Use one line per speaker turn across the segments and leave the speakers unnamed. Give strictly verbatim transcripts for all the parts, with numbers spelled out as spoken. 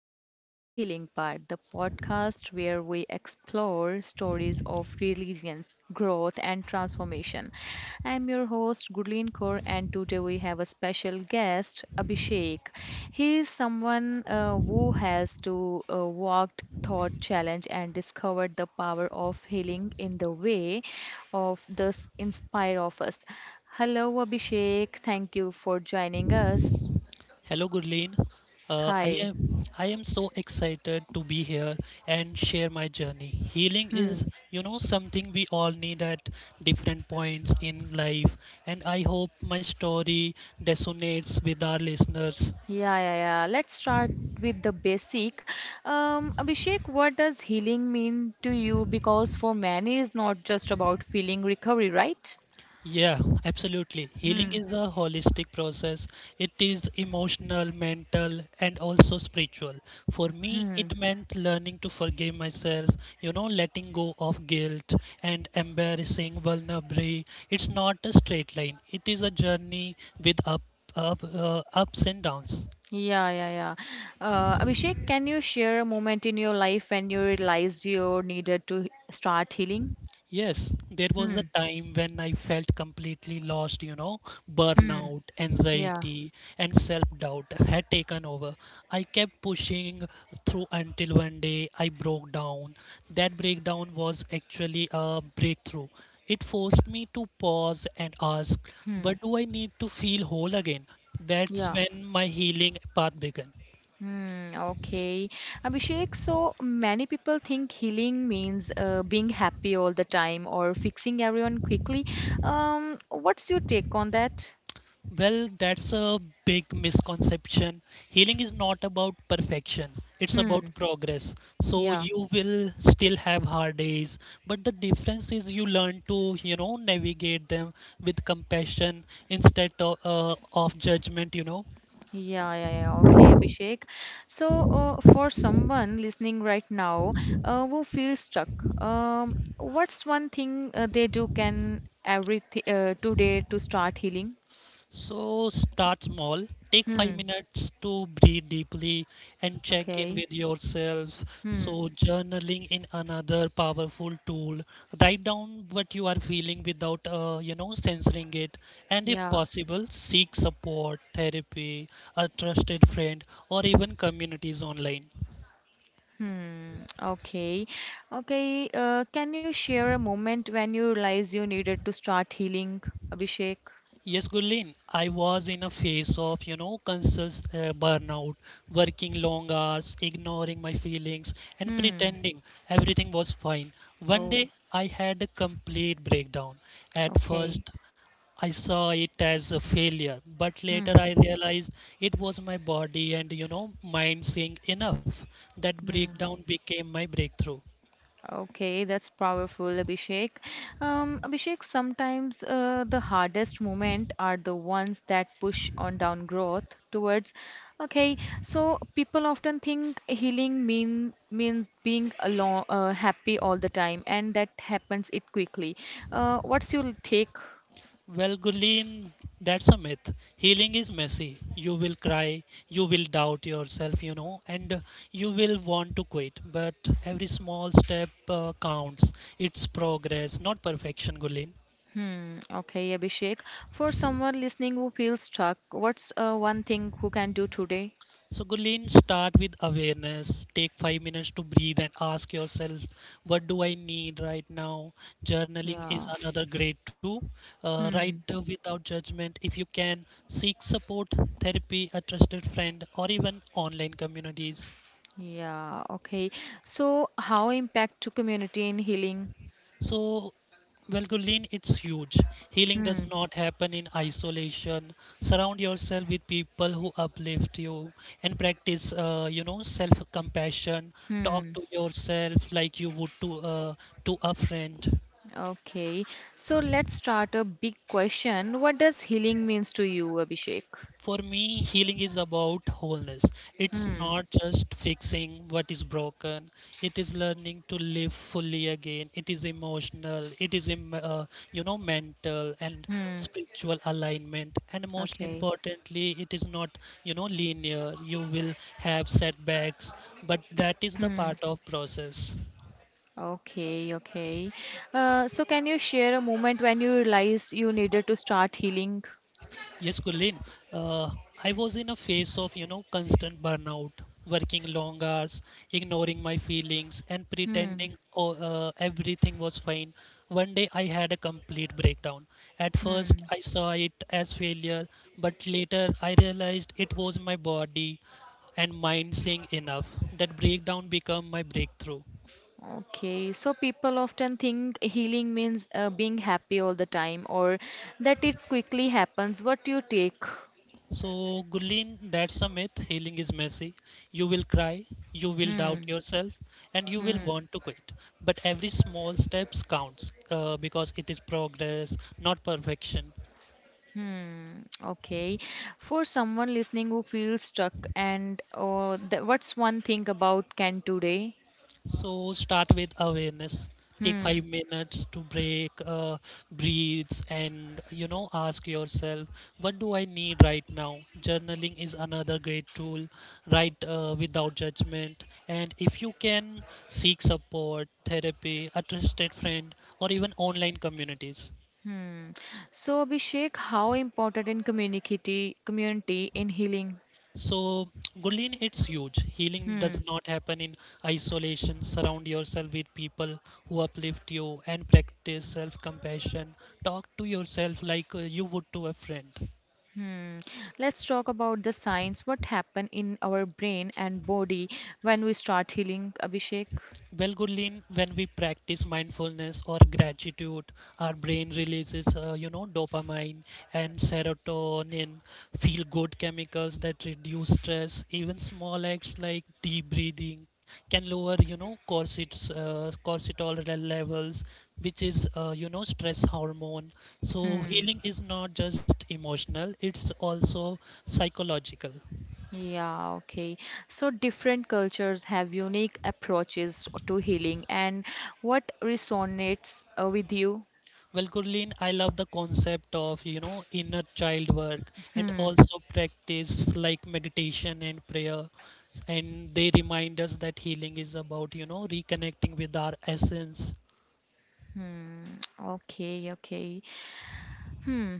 welcome to The Healing Part, the podcast where we explore stories of resilience, growth, and transformation. I'm your host, Gurleen Kaur, and today we have a special guest, Abhishek. He is someone uh, who has to uh, walked thought challenge and discovered the power of healing in the way of this inspire of us. Hello, Abhishek, thank you for joining us.
Hello, Gurleen. Uh, I
Hi.
am I am so excited to be here and share my journey. Healing is,
Hmm.
you know, something we all need at different points in life, and I hope my story resonates with our listeners.
Yeah, yeah, yeah. Let's start with the basic. Um, Abhishek, what does healing mean to you? Because for many, it's not just about feeling recovery, right?
Yeah, absolutely. Healing
Hmm.
is a holistic process. It is emotional, mental, and also spiritual. For me,
Hmm.
it meant learning to forgive myself, you know, letting go of guilt and embarrassing vulnerability. It's not a straight line, it is a journey with up, up, uh, ups and downs.
Yeah, yeah, yeah. Uh, Abhishek, can you share a moment in your life when you realized you needed to start healing?
Yes, there was
Hmm.
a time when I felt completely lost, you know,
Hmm.
burnout,
Yeah.
anxiety, and self-doubt had taken over. I kept pushing through until one day I broke down. That breakdown was actually a breakthrough. It forced me to pause and ask, what
Hmm.
do I need to feel whole again? That's
Yeah.
when my healing path began.
Hmm, okay. Abhishek, so many people think healing means uh, being happy all the time or fixing everyone quickly. Um, what's your take on that?
Well, that's a big misconception. Healing is not about perfection, it's
Hmm,
about progress. So
yeah.
you will still have hard days, but the difference is you learn to, you know, navigate them with compassion instead of, uh, of judgment, you know.
Yeah, yeah, yeah. Okay, Abhishek. So, uh, for someone listening right now, uh, who feels stuck, um, what's one thing uh, they do can every uh, today to start healing?
So start small. Take five
Hmm.
minutes to breathe deeply and check in
Okay.
with yourself.
Hmm.
So, journaling in another powerful tool. Write down what you are feeling without, uh, you know, censoring it. And if
Yeah.
possible, seek support, therapy, a trusted friend, or even communities online.
Hmm, okay. Okay, uh, can you share a moment when you realize you needed to start healing, Abhishek?
Yes, Gulin, I was in a phase of, you know, conscious uh, burnout, working long hours, ignoring my feelings, and
Hmm.
pretending everything was fine. One
Oh,
day, I had a complete breakdown. At
okay.
first, I saw it as a failure, but later
Hmm.
I realized it was my body and, you know, mind saying enough. That breakdown
Hmm.
became my breakthrough.
Okay, that's powerful, Abhishek. Um, Abhishek, sometimes uh, the hardest moments are the ones that push on down growth towards. Okay, so people often think healing mean means being alone, uh, happy all the time, and that happens it quickly. Uh, what's your take?
Well, Gurleen, that's a myth. Healing is messy. You will cry, you will doubt yourself, you know, and uh, you will want to quit. But every small step uh, counts. It's progress, not perfection, Gurleen.
Hmm, okay, Abhishek. For someone listening who feels stuck, what's uh, one thing who can do today?
So, Gulin, start with awareness. Take five minutes to breathe and ask yourself, what do I need right now? Journaling is
Yeah.
another great tool. Uh, write
Hmm.
uh, without judgment if you can. Seek support, therapy, a trusted friend, or even online communities.
Yeah, okay. So, how impact to community in healing?
So, Valgolin, it's huge. Healing does
Hmm.
not happen in isolation. Surround yourself with people who uplift you and practice, uh, you know, self compassion. Talk
Hmm.
to yourself like you would to uh, to a friend.
Okay. So, let's start a big question. What does healing means to you, Abhishek?
For me, healing is about wholeness. It's
Hmm.
not just fixing what is broken. It is learning to live fully again. It is emotional. It is, em- uh, you know, mental and
Hmm.
spiritual alignment. And most
Okay.
importantly, it is not, you know, linear. You will have setbacks, but that is the
Hmm.
part of process.
Okay, okay. Uh, so, can you share a moment when you realized you needed to start healing?
Yes, Gurleen. Uh, I was in a phase of, you know, constant burnout, working long hours, ignoring my feelings, and
Hmm.
pretending oh, uh, everything was fine. One day I had a complete breakdown. At first,
Hmm.
I saw it as failure, but later I realized it was my body and mind saying enough. That breakdown became my breakthrough.
Okay, so people often think healing means uh, being happy all the time or that it quickly happens. What do you take?
So, Gulin, that's a myth. Healing is messy. You will cry, you will doubt
Hmm.
yourself, and you will
Hmm.
want to quit. But every small steps counts uh, because it is progress, not perfection.
Hmm. Okay. For someone listening who feels stuck and oh, th what's one thing about can today?
So start with awareness. Take five
Hmm.
minutes to break, uh, breathe, and you know, ask yourself, what do I need right now? Journaling is another great tool. Write uh, without judgment, and if you can, seek support, therapy, a trusted friend, or even online communities.
Hmm. So Abhishek, how important in community community in healing?
So, Gulin, it's huge. Healing
Hmm.
does not happen in isolation. Surround yourself with people who uplift you and practice self compassion. Talk to yourself like uh, you would to a friend.
Hmm. Let's talk about the science. What happen in our brain and body when we start healing, Abhishek?
Well, Gurleen, when we practice mindfulness or gratitude, our brain releases, uh, you know, dopamine and serotonin, feel good chemicals that reduce stress. Even small acts like deep breathing can lower, you know, corsets, uh, cortisol le- levels, which is, uh, you know, stress hormone. So
Hmm.
healing is not just emotional; it's also psychological.
Yeah, okay. So different cultures have unique approaches to healing, and what resonates uh, with you?
Well, Gurleen, I love the concept of, you know, inner child work and
Hmm.
also practice like meditation and prayer. And they remind us that healing is about, you know, reconnecting with our essence.
Hmm. Okay, okay. Hmm.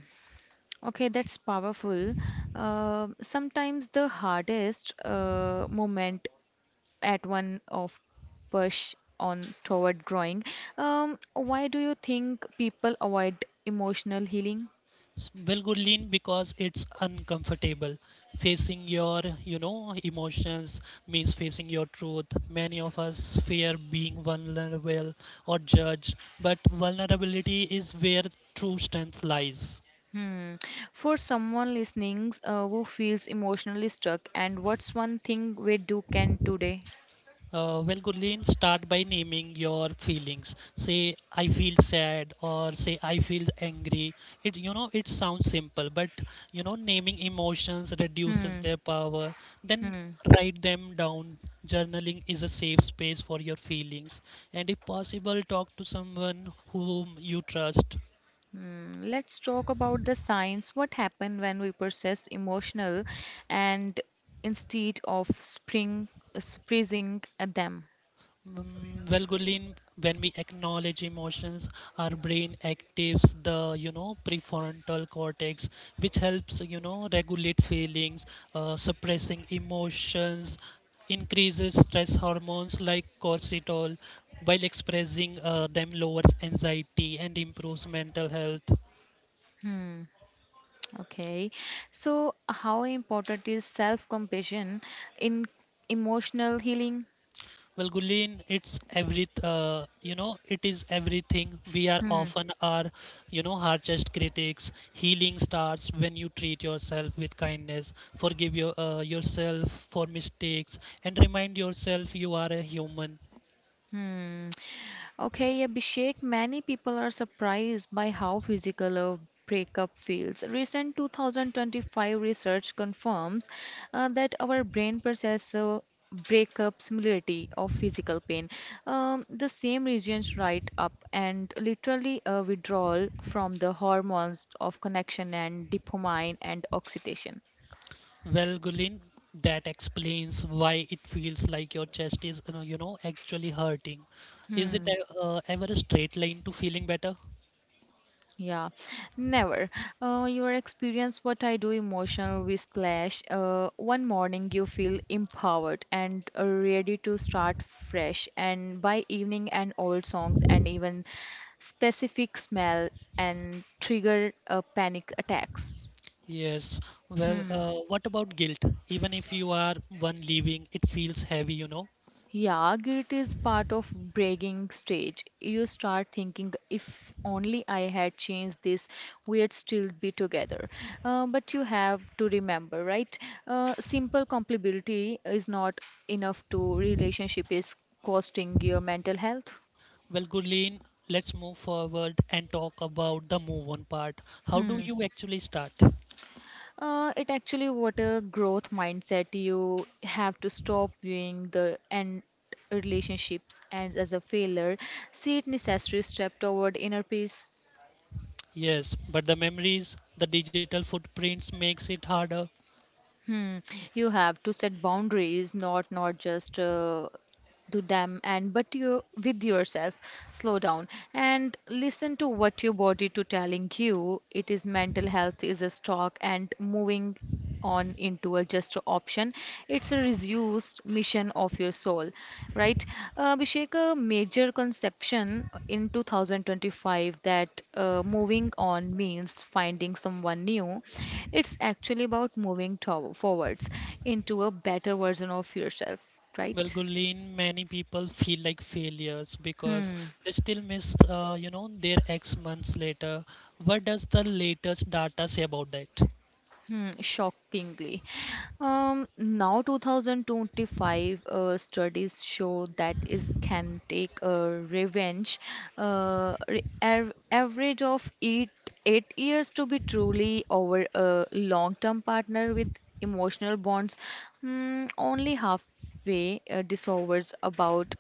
Okay, that's powerful. Uh, sometimes the hardest uh, moment at one of push on toward growing. Um, why do you think people avoid emotional healing?
S- Well, Gurleen, because it's uncomfortable. Facing your, you know, emotions means facing your truth. Many of us fear being vulnerable or judged, but vulnerability is where true strength lies.
Hmm. For someone listening uh, who feels emotionally stuck, and what's one thing we do can today?
Uh, well, Gurleen, start by naming your feelings. Say, I feel sad, or say, I feel angry. It, you know, it sounds simple, but you know, naming emotions reduces
Hmm.
their power. Then
Hmm.
write them down. Journaling is a safe space for your feelings, and if possible, talk to someone whom you trust.
Hmm. Let's talk about the signs. What happen when we process emotional, and instead of spring, uh, suppressing uh, them?
Mm, Well, Gulin, when we acknowledge emotions, our brain activates the, you know, prefrontal cortex, which helps, you know, regulate feelings. Uh, suppressing emotions increases stress hormones like cortisol, while expressing uh, them lowers anxiety and improves mental health.
Hmm. Okay. So, how important is self compassion in emotional healing?
Well, Gulin, it's every uh, you know, it is everything. We are
Hmm.
often our, you know, harshest critics. Healing starts when you treat yourself with kindness, forgive your uh, yourself for mistakes, and remind yourself you are a human.
Hmm. Okay, Abhishek, many people are surprised by how physical a breakup feels. Recent twenty twenty-five research confirms uh, that our brain processes uh, breakup similarity of physical pain. Um, the same regions right up and literally a withdrawal from the hormones of connection and dopamine and oxytocin.
Well, Gulin, that explains why it feels like your chest is, you know, you know, actually hurting. Is it
Hmm.
uh, ever a straight line to feeling better?
Yeah, never. Uh, your experience, what I do, emotional we splash. Uh, one morning you feel empowered and uh, ready to start fresh, and by evening, and old songs and even specific smell and trigger uh, panic attacks.
Yes. Well,
Hmm.
uh, what about guilt? Even if you are one leaving, it feels heavy, you know.
Yeah, guilt is part of bragging stage. You start thinking, if only I had changed this, we'd still be together. Uh, but you have to remember, right? Uh, simple compatibility is not enough to relationship is costing your mental health.
Well, Gurleen, let's move forward and talk about the move on part. How do you actually start?
Uh, it actually what a growth mindset. You have to stop viewing the end relationships and as a failure. See it necessary step toward inner peace.
Yes, but the memories, the digital footprints makes it harder.
Hmm. You have to set boundaries, not not just uh, to them and but you with yourself slow down and listen to what your body to telling you it is mental health is a stock and moving on into a just option it's a reduced mission of your soul, right? Uh, Abhishek, a major conception in twenty twenty-five that uh, moving on means finding someone new, it's actually about moving to- forwards into a better version of yourself,
Well,
right?
Gurleen, many people feel like failures because
Hmm.
they still miss, uh, you know, their ex months later. What does the latest data say about that?
Hmm, shockingly. Um, now twenty twenty-five uh, studies show that it can take a revenge uh, re- av- average of eight, eight years to be truly over a long-term partner with emotional bonds. Hmm, only halfway uh, dissolves about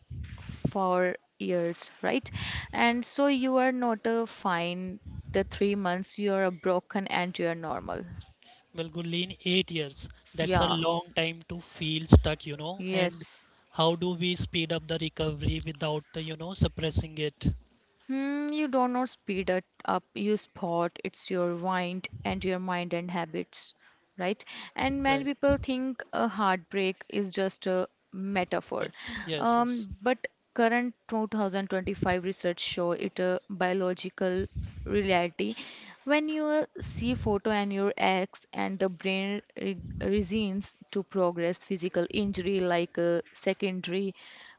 four years, right? And so you are not a fine the three months you are a broken and you are normal,
Well, Gurleen, eight years. That's a
yeah,
long time to feel stuck, you know. And
yes.
how do we speed up the recovery without the, you know, suppressing it?
Hmm, you do not speed it up, you spot it's your mind and your mind and habits, right? And many
Right.
people think a heartbreak is just a
Well,
metaphor.
yes,
Um,
yes.
but current twenty twenty-five research show it a biological reality. When you uh, see photo and your ex and the brain re reasons to progress physical injury like a secondary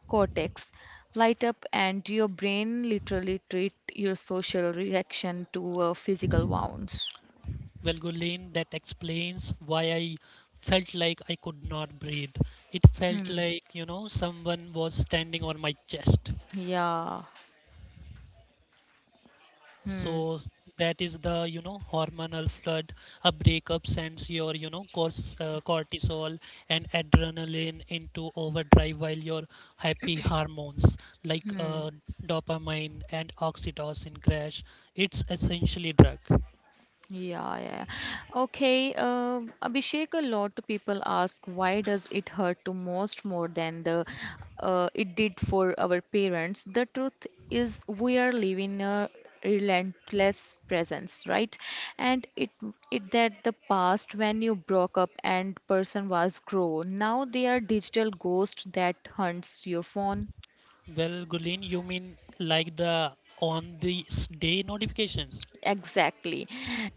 cortex light up and your brain literally treat your social reaction to a physical wounds.
Well, Gurleen, that explains why I felt like I could not breathe. It felt
Hmm.
like, you know, someone was standing on my chest.
Yeah.
So
Hmm.
that is the, you know, hormonal flood. A breakup sends your, you know, cors- uh, cortisol and adrenaline into overdrive, while your happy hormones like
Hmm.
uh, dopamine and oxytocin crash. It's essentially drug.
Yeah, yeah. Okay, uh, Abhishek, a lot of people ask why does it hurt to most more than the uh, it did for our parents? The truth is we are living a relentless presence, right? And it it that the past when you broke up and person was grown, now they are digital ghost that hunts your phone.
Well, Gulen, you mean like the on this day notifications?
Exactly.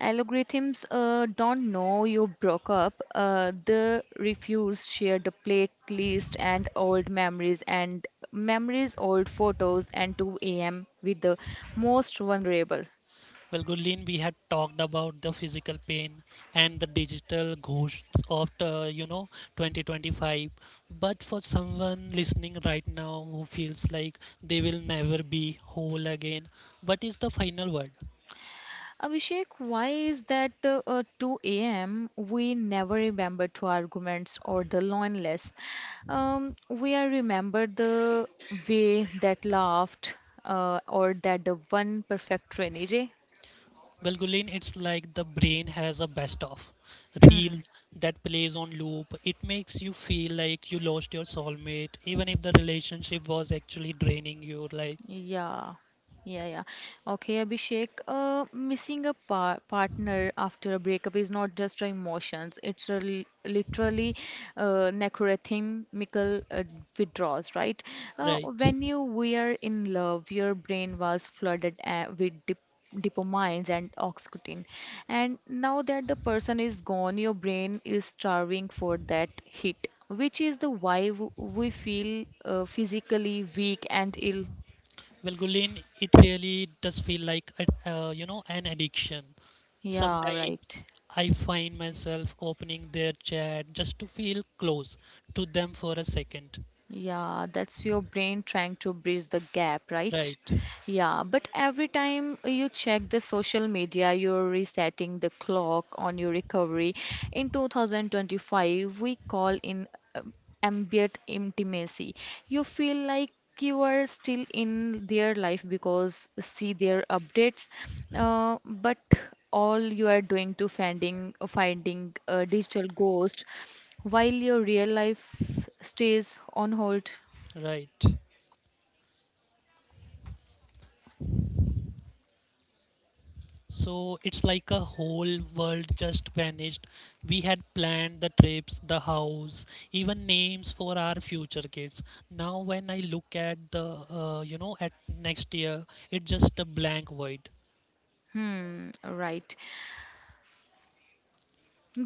Algorithms uh, don't know you broke up. Uh, they refuse share the playlist and old memories and memories, old photos, and two a m with the most vulnerable.
Well, Gurleen, we had talked about the physical pain and the digital ghosts of uh, you know, twenty twenty-five. But for someone listening right now who feels like they will never be whole again, what is the final word?
Abhishek, why is that uh, uh, two a m we never remember two arguments or the loneliness? Um, we are remember the way that laughed uh, or that the one perfect rainy day.
Well, Gurleen, it's like the brain has a best of
Hmm.
reel that plays on loop. It makes you feel like you lost your soulmate, even if the relationship was actually draining you. Like,
Yeah, yeah, yeah. Okay, Abhishek, uh, missing a par partner after a breakup is not just a emotions, it's a li- literally uh, necrothemical uh, withdrawals, right? Uh,
right?
when you were in love, your brain was flooded uh, with dip dopamine and oxytocin. And now that the person is gone, your brain is starving for that hit, which is the why w- we feel uh, physically weak and ill.
Well, Gulin, it really does feel like a, uh, you know, an addiction.
Yeah, right.
Sometimes I find myself opening their chat just to feel close to them for a second.
Yeah, that's your brain trying to bridge the gap, right?
Right,
Yeah, but every time you check the social media, you're resetting the clock on your recovery. In twenty twenty-five, we call in uh, ambient intimacy. You feel like you are still in their life because see their updates, uh, but all you are doing to finding finding a digital ghost, while your real life stays on hold.
right. So it's like a whole world just vanished. We had planned the trips, the house, even names for our future kids. Now when I look at the uh, you know, at next year, it's just a blank void.
Hmm, right.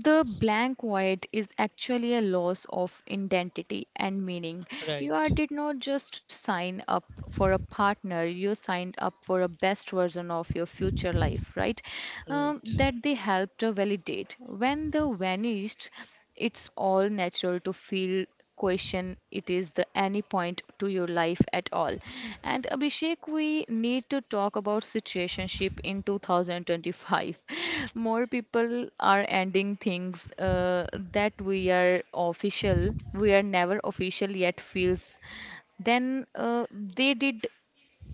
The
S-
blank void is actually a loss of identity and meaning. You are,
Right,
did not just sign up for a partner, you signed up for a best version of your future life, right? Um,
right.
that they helped to validate. When the vanished, it's all natural to feel question it is the any point to your life at all. And Abhishek, we need to talk about situationship in twenty twenty-five. More people are ending things uh, that we are official, we are never official yet feels. Then uh, they did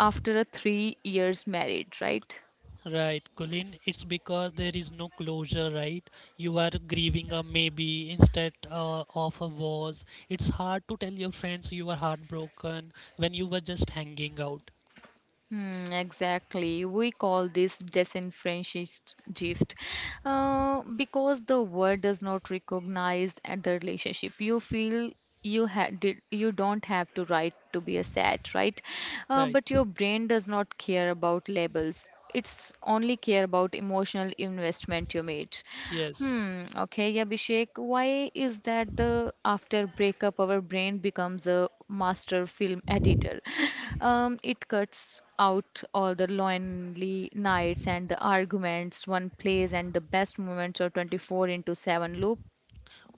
after a three years married, right?
Right, Colin, it's because there is no closure, right? You are grieving a maybe instead uh, of a was. It's hard to tell your friends you were heartbroken when you were just hanging out,
Hmm, exactly. We call this disenfranchised gift uh, because the world does not recognize and the relationship. You feel you had did you don't have to write to be a sad, right? Uh,
right?
but your brain does not care about labels, it's only care about emotional investment you made.
Yes.
Hmm, okay, Abhishek, why is that the after breakup our brain becomes a master film editor? Um, it cuts out all the lonely nights and the arguments, one plays and the best moments are twenty-four into seven loop.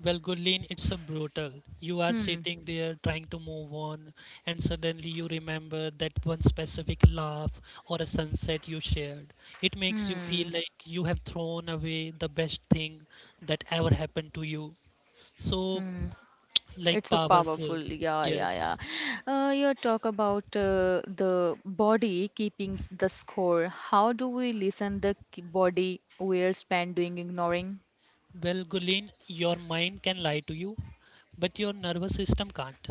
Well, Gulin, it's a brutal. You are
Hmm,
sitting there trying to move on, and suddenly you remember that one specific laugh or a sunset you shared. It makes you
hmm,
feel like you have thrown away the best thing that ever happened to you. So
hmm.
like
It's a powerful,
powerful.
yeah, yeah,
Yes.
yeah. Uh, you talk about uh, the body keeping the score. How do we listen the k- body we're spent doing ignoring?
Well, Gulin, your mind can lie to you, but your nervous system can't.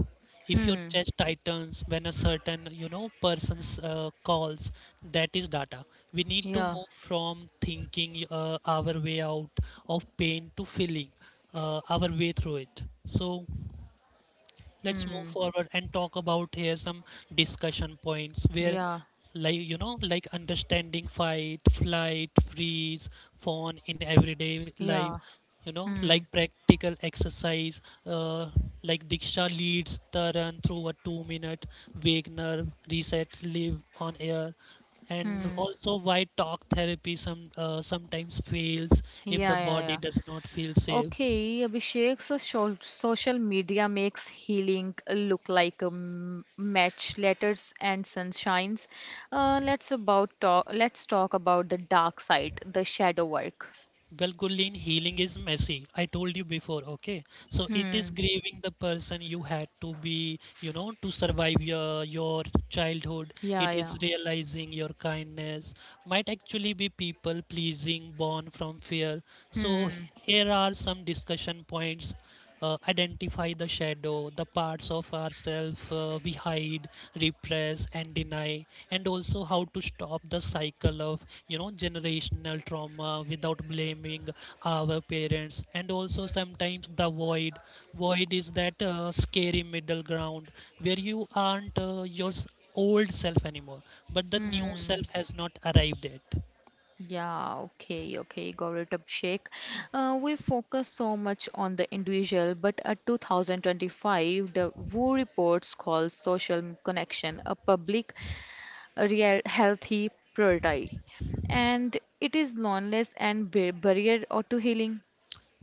If your
Hmm.
chest tightens when a certain, you know, person's uh, calls, that is data. We need to
Yeah.
move from thinking uh, our way out of pain to feeling uh, our way through it. So let's move
Hmm.
forward and talk about here some discussion points where,
Yeah.
like, you know, like understanding fight flight freeze fawn in everyday
Yeah.
life, you know, like
Hmm.
practical exercise, uh, like diksha leads the run through a two minute wagner reset live on air, and
Hmm.
also why talk therapy some uh, sometimes fails if
Yeah.
the
Yeah.
body
Yeah.
does not feel safe.
Okay, Abhishek, so shol- social media makes healing look like a m- match, letters and sunshines. Uh, let's about talk, let's talk about the dark side, the shadow work.
Well, healing is messy. I told you before, okay? So it
Hmm.
is grieving the person you had to be, you know, to survive your your childhood.
Yeah,
It
yeah.
is realizing your kindness might actually be people pleasing born from fear. So
Hmm.
here are some discussion points. Uh, identify the shadow, the parts of ourselves uh, we hide, repress, and deny, and also how to stop the cycle of, you know, generational trauma without blaming our parents, and also sometimes the void. Void is that uh, scary middle ground where you aren't uh, your s- old self anymore, but the new
Hmm.
self has not arrived yet.
Yeah, okay, okay, got it, Abhishek. Uh, we focus so much on the individual, but at twenty twenty-five, the W H O reports calls social connection a public a real healthy priority, and it is loneliness and bar- barrier or to healing.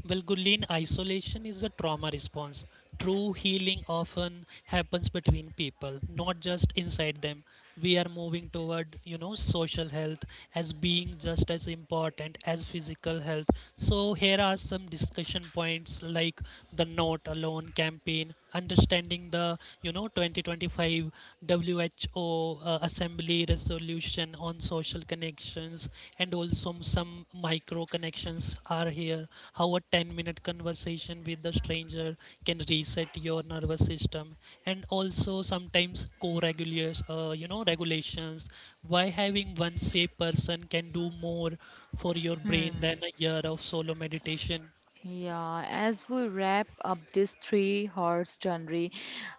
Well, Gulin, isolation is a trauma response. True healing often happens between people, not just inside them. We are moving toward, you know, social health as being just as important as physical health. So here are some discussion points like the Not Alone campaign, understanding the, you know, twenty twenty-five W H O uh, Assembly resolution on social connections, and also some micro connections are here: how a ten minute conversation with a stranger can reset your nervous system, and also sometimes co-regulators uh, you know, regulations, why having one safe person can do more for your brain than
Hmm.
a year of solo meditation.
Yeah, as we wrap up this three horse journey,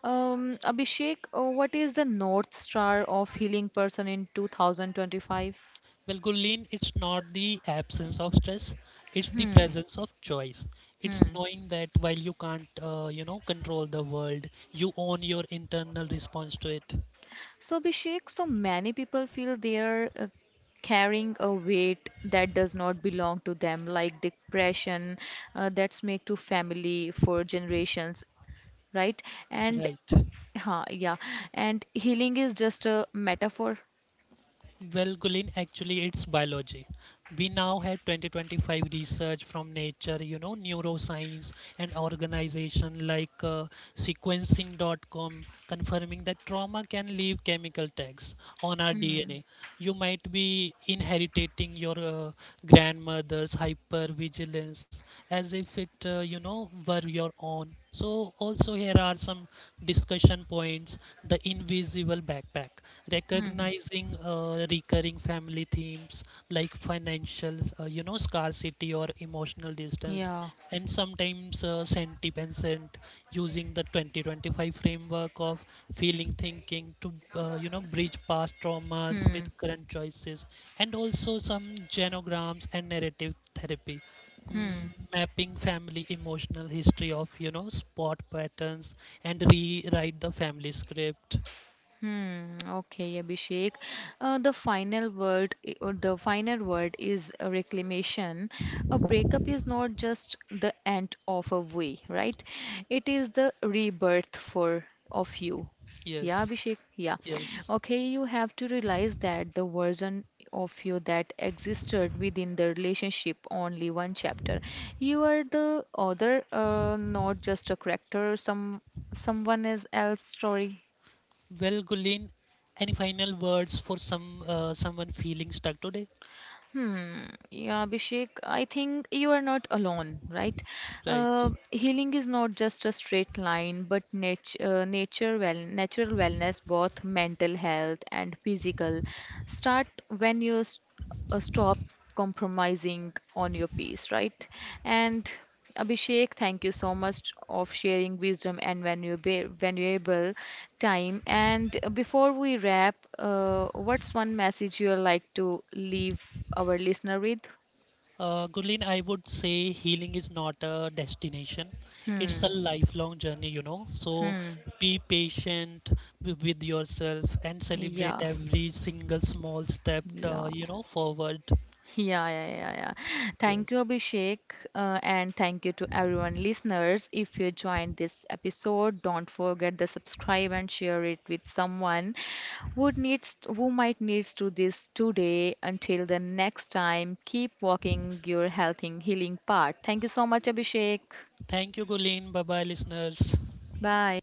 um, Abhishek, uh, what is the North Star of healing person in twenty twenty-five?
Well, Gulleen, it's not the absence of stress, it's the
Hmm.
presence of choice. It's
Hmm.
knowing that while you can't, uh, you know, control the world, you own your internal response to it.
So, Abhishek, so many people feel they are uh, carrying a weight that does not belong to them, like depression uh, that's made to family for generations, right? And
Right.
huh, yeah, and healing is just a metaphor.
Well, Gulin, actually, it's biology. We now have twenty twenty-five research from nature, you know, neuroscience and organization like uh, sequencing dot com, confirming that trauma can leave chemical tags on our
Hmm.
D N A. You might be inheriting your uh, grandmother's hypervigilance as if it, uh, you know, were your own. So, also, here are some discussion points: the invisible backpack,
Hmm.
recognizing uh, recurring family themes like financial, uh, you know, scarcity or emotional distance,
Yeah.
and sometimes uh, sentiment, and using the twenty twenty-five framework of feeling thinking to, uh, you know, bridge past traumas
Hmm.
with current choices, and also some genograms and narrative therapy. mm,
Hmm.
Mapping family emotional history of, you know, spot patterns and rewrite the family script.
Hmm, okay, Abhishek. Uh, the final word, I- or the final word is a reclamation. A breakup is not just the end of a way, right? It is the rebirth for of you. Yeah,
Yes.
Abhishek. Yeah.
Yes.
Okay, you have to realize that the version of you that existed within the relationship only one chapter. You are the other, uh, not just a character, some someone else else story.
Well, Gulin, any final words for some uh, someone feeling stuck today?
Hmm. Yeah, Abhishek, I think you are not alone, right?
Right.
Uh, healing is not just a straight line, but nat uh, nature well natural wellness, both mental health and physical, start when you st uh, stop compromising on your peace, right? And Abhishek, thank you so much of sharing wisdom and valuable, valuable time. And uh, before we wrap, uh, what's one message you'd like to leave our listener with?
Uh, Gulin, I would say healing is not a destination. It's a
Hmm.
lifelong journey, you know. So
Hmm.
be patient wi- with yourself and celebrate
Yeah.
every single small step,
Yeah.
uh, you know, forward.
Yeah, yeah, yeah, yeah. Thank
Yes.
you, Abhishek, uh, and thank you to everyone listeners. If you joined this episode, don't forget to subscribe and share it with someone who needs, who might needs to this today. Until the next time, keep walking your health healing path. Thank you so much, Abhishek.
Thank you, Gulin. Bye bye, listeners.
Bye.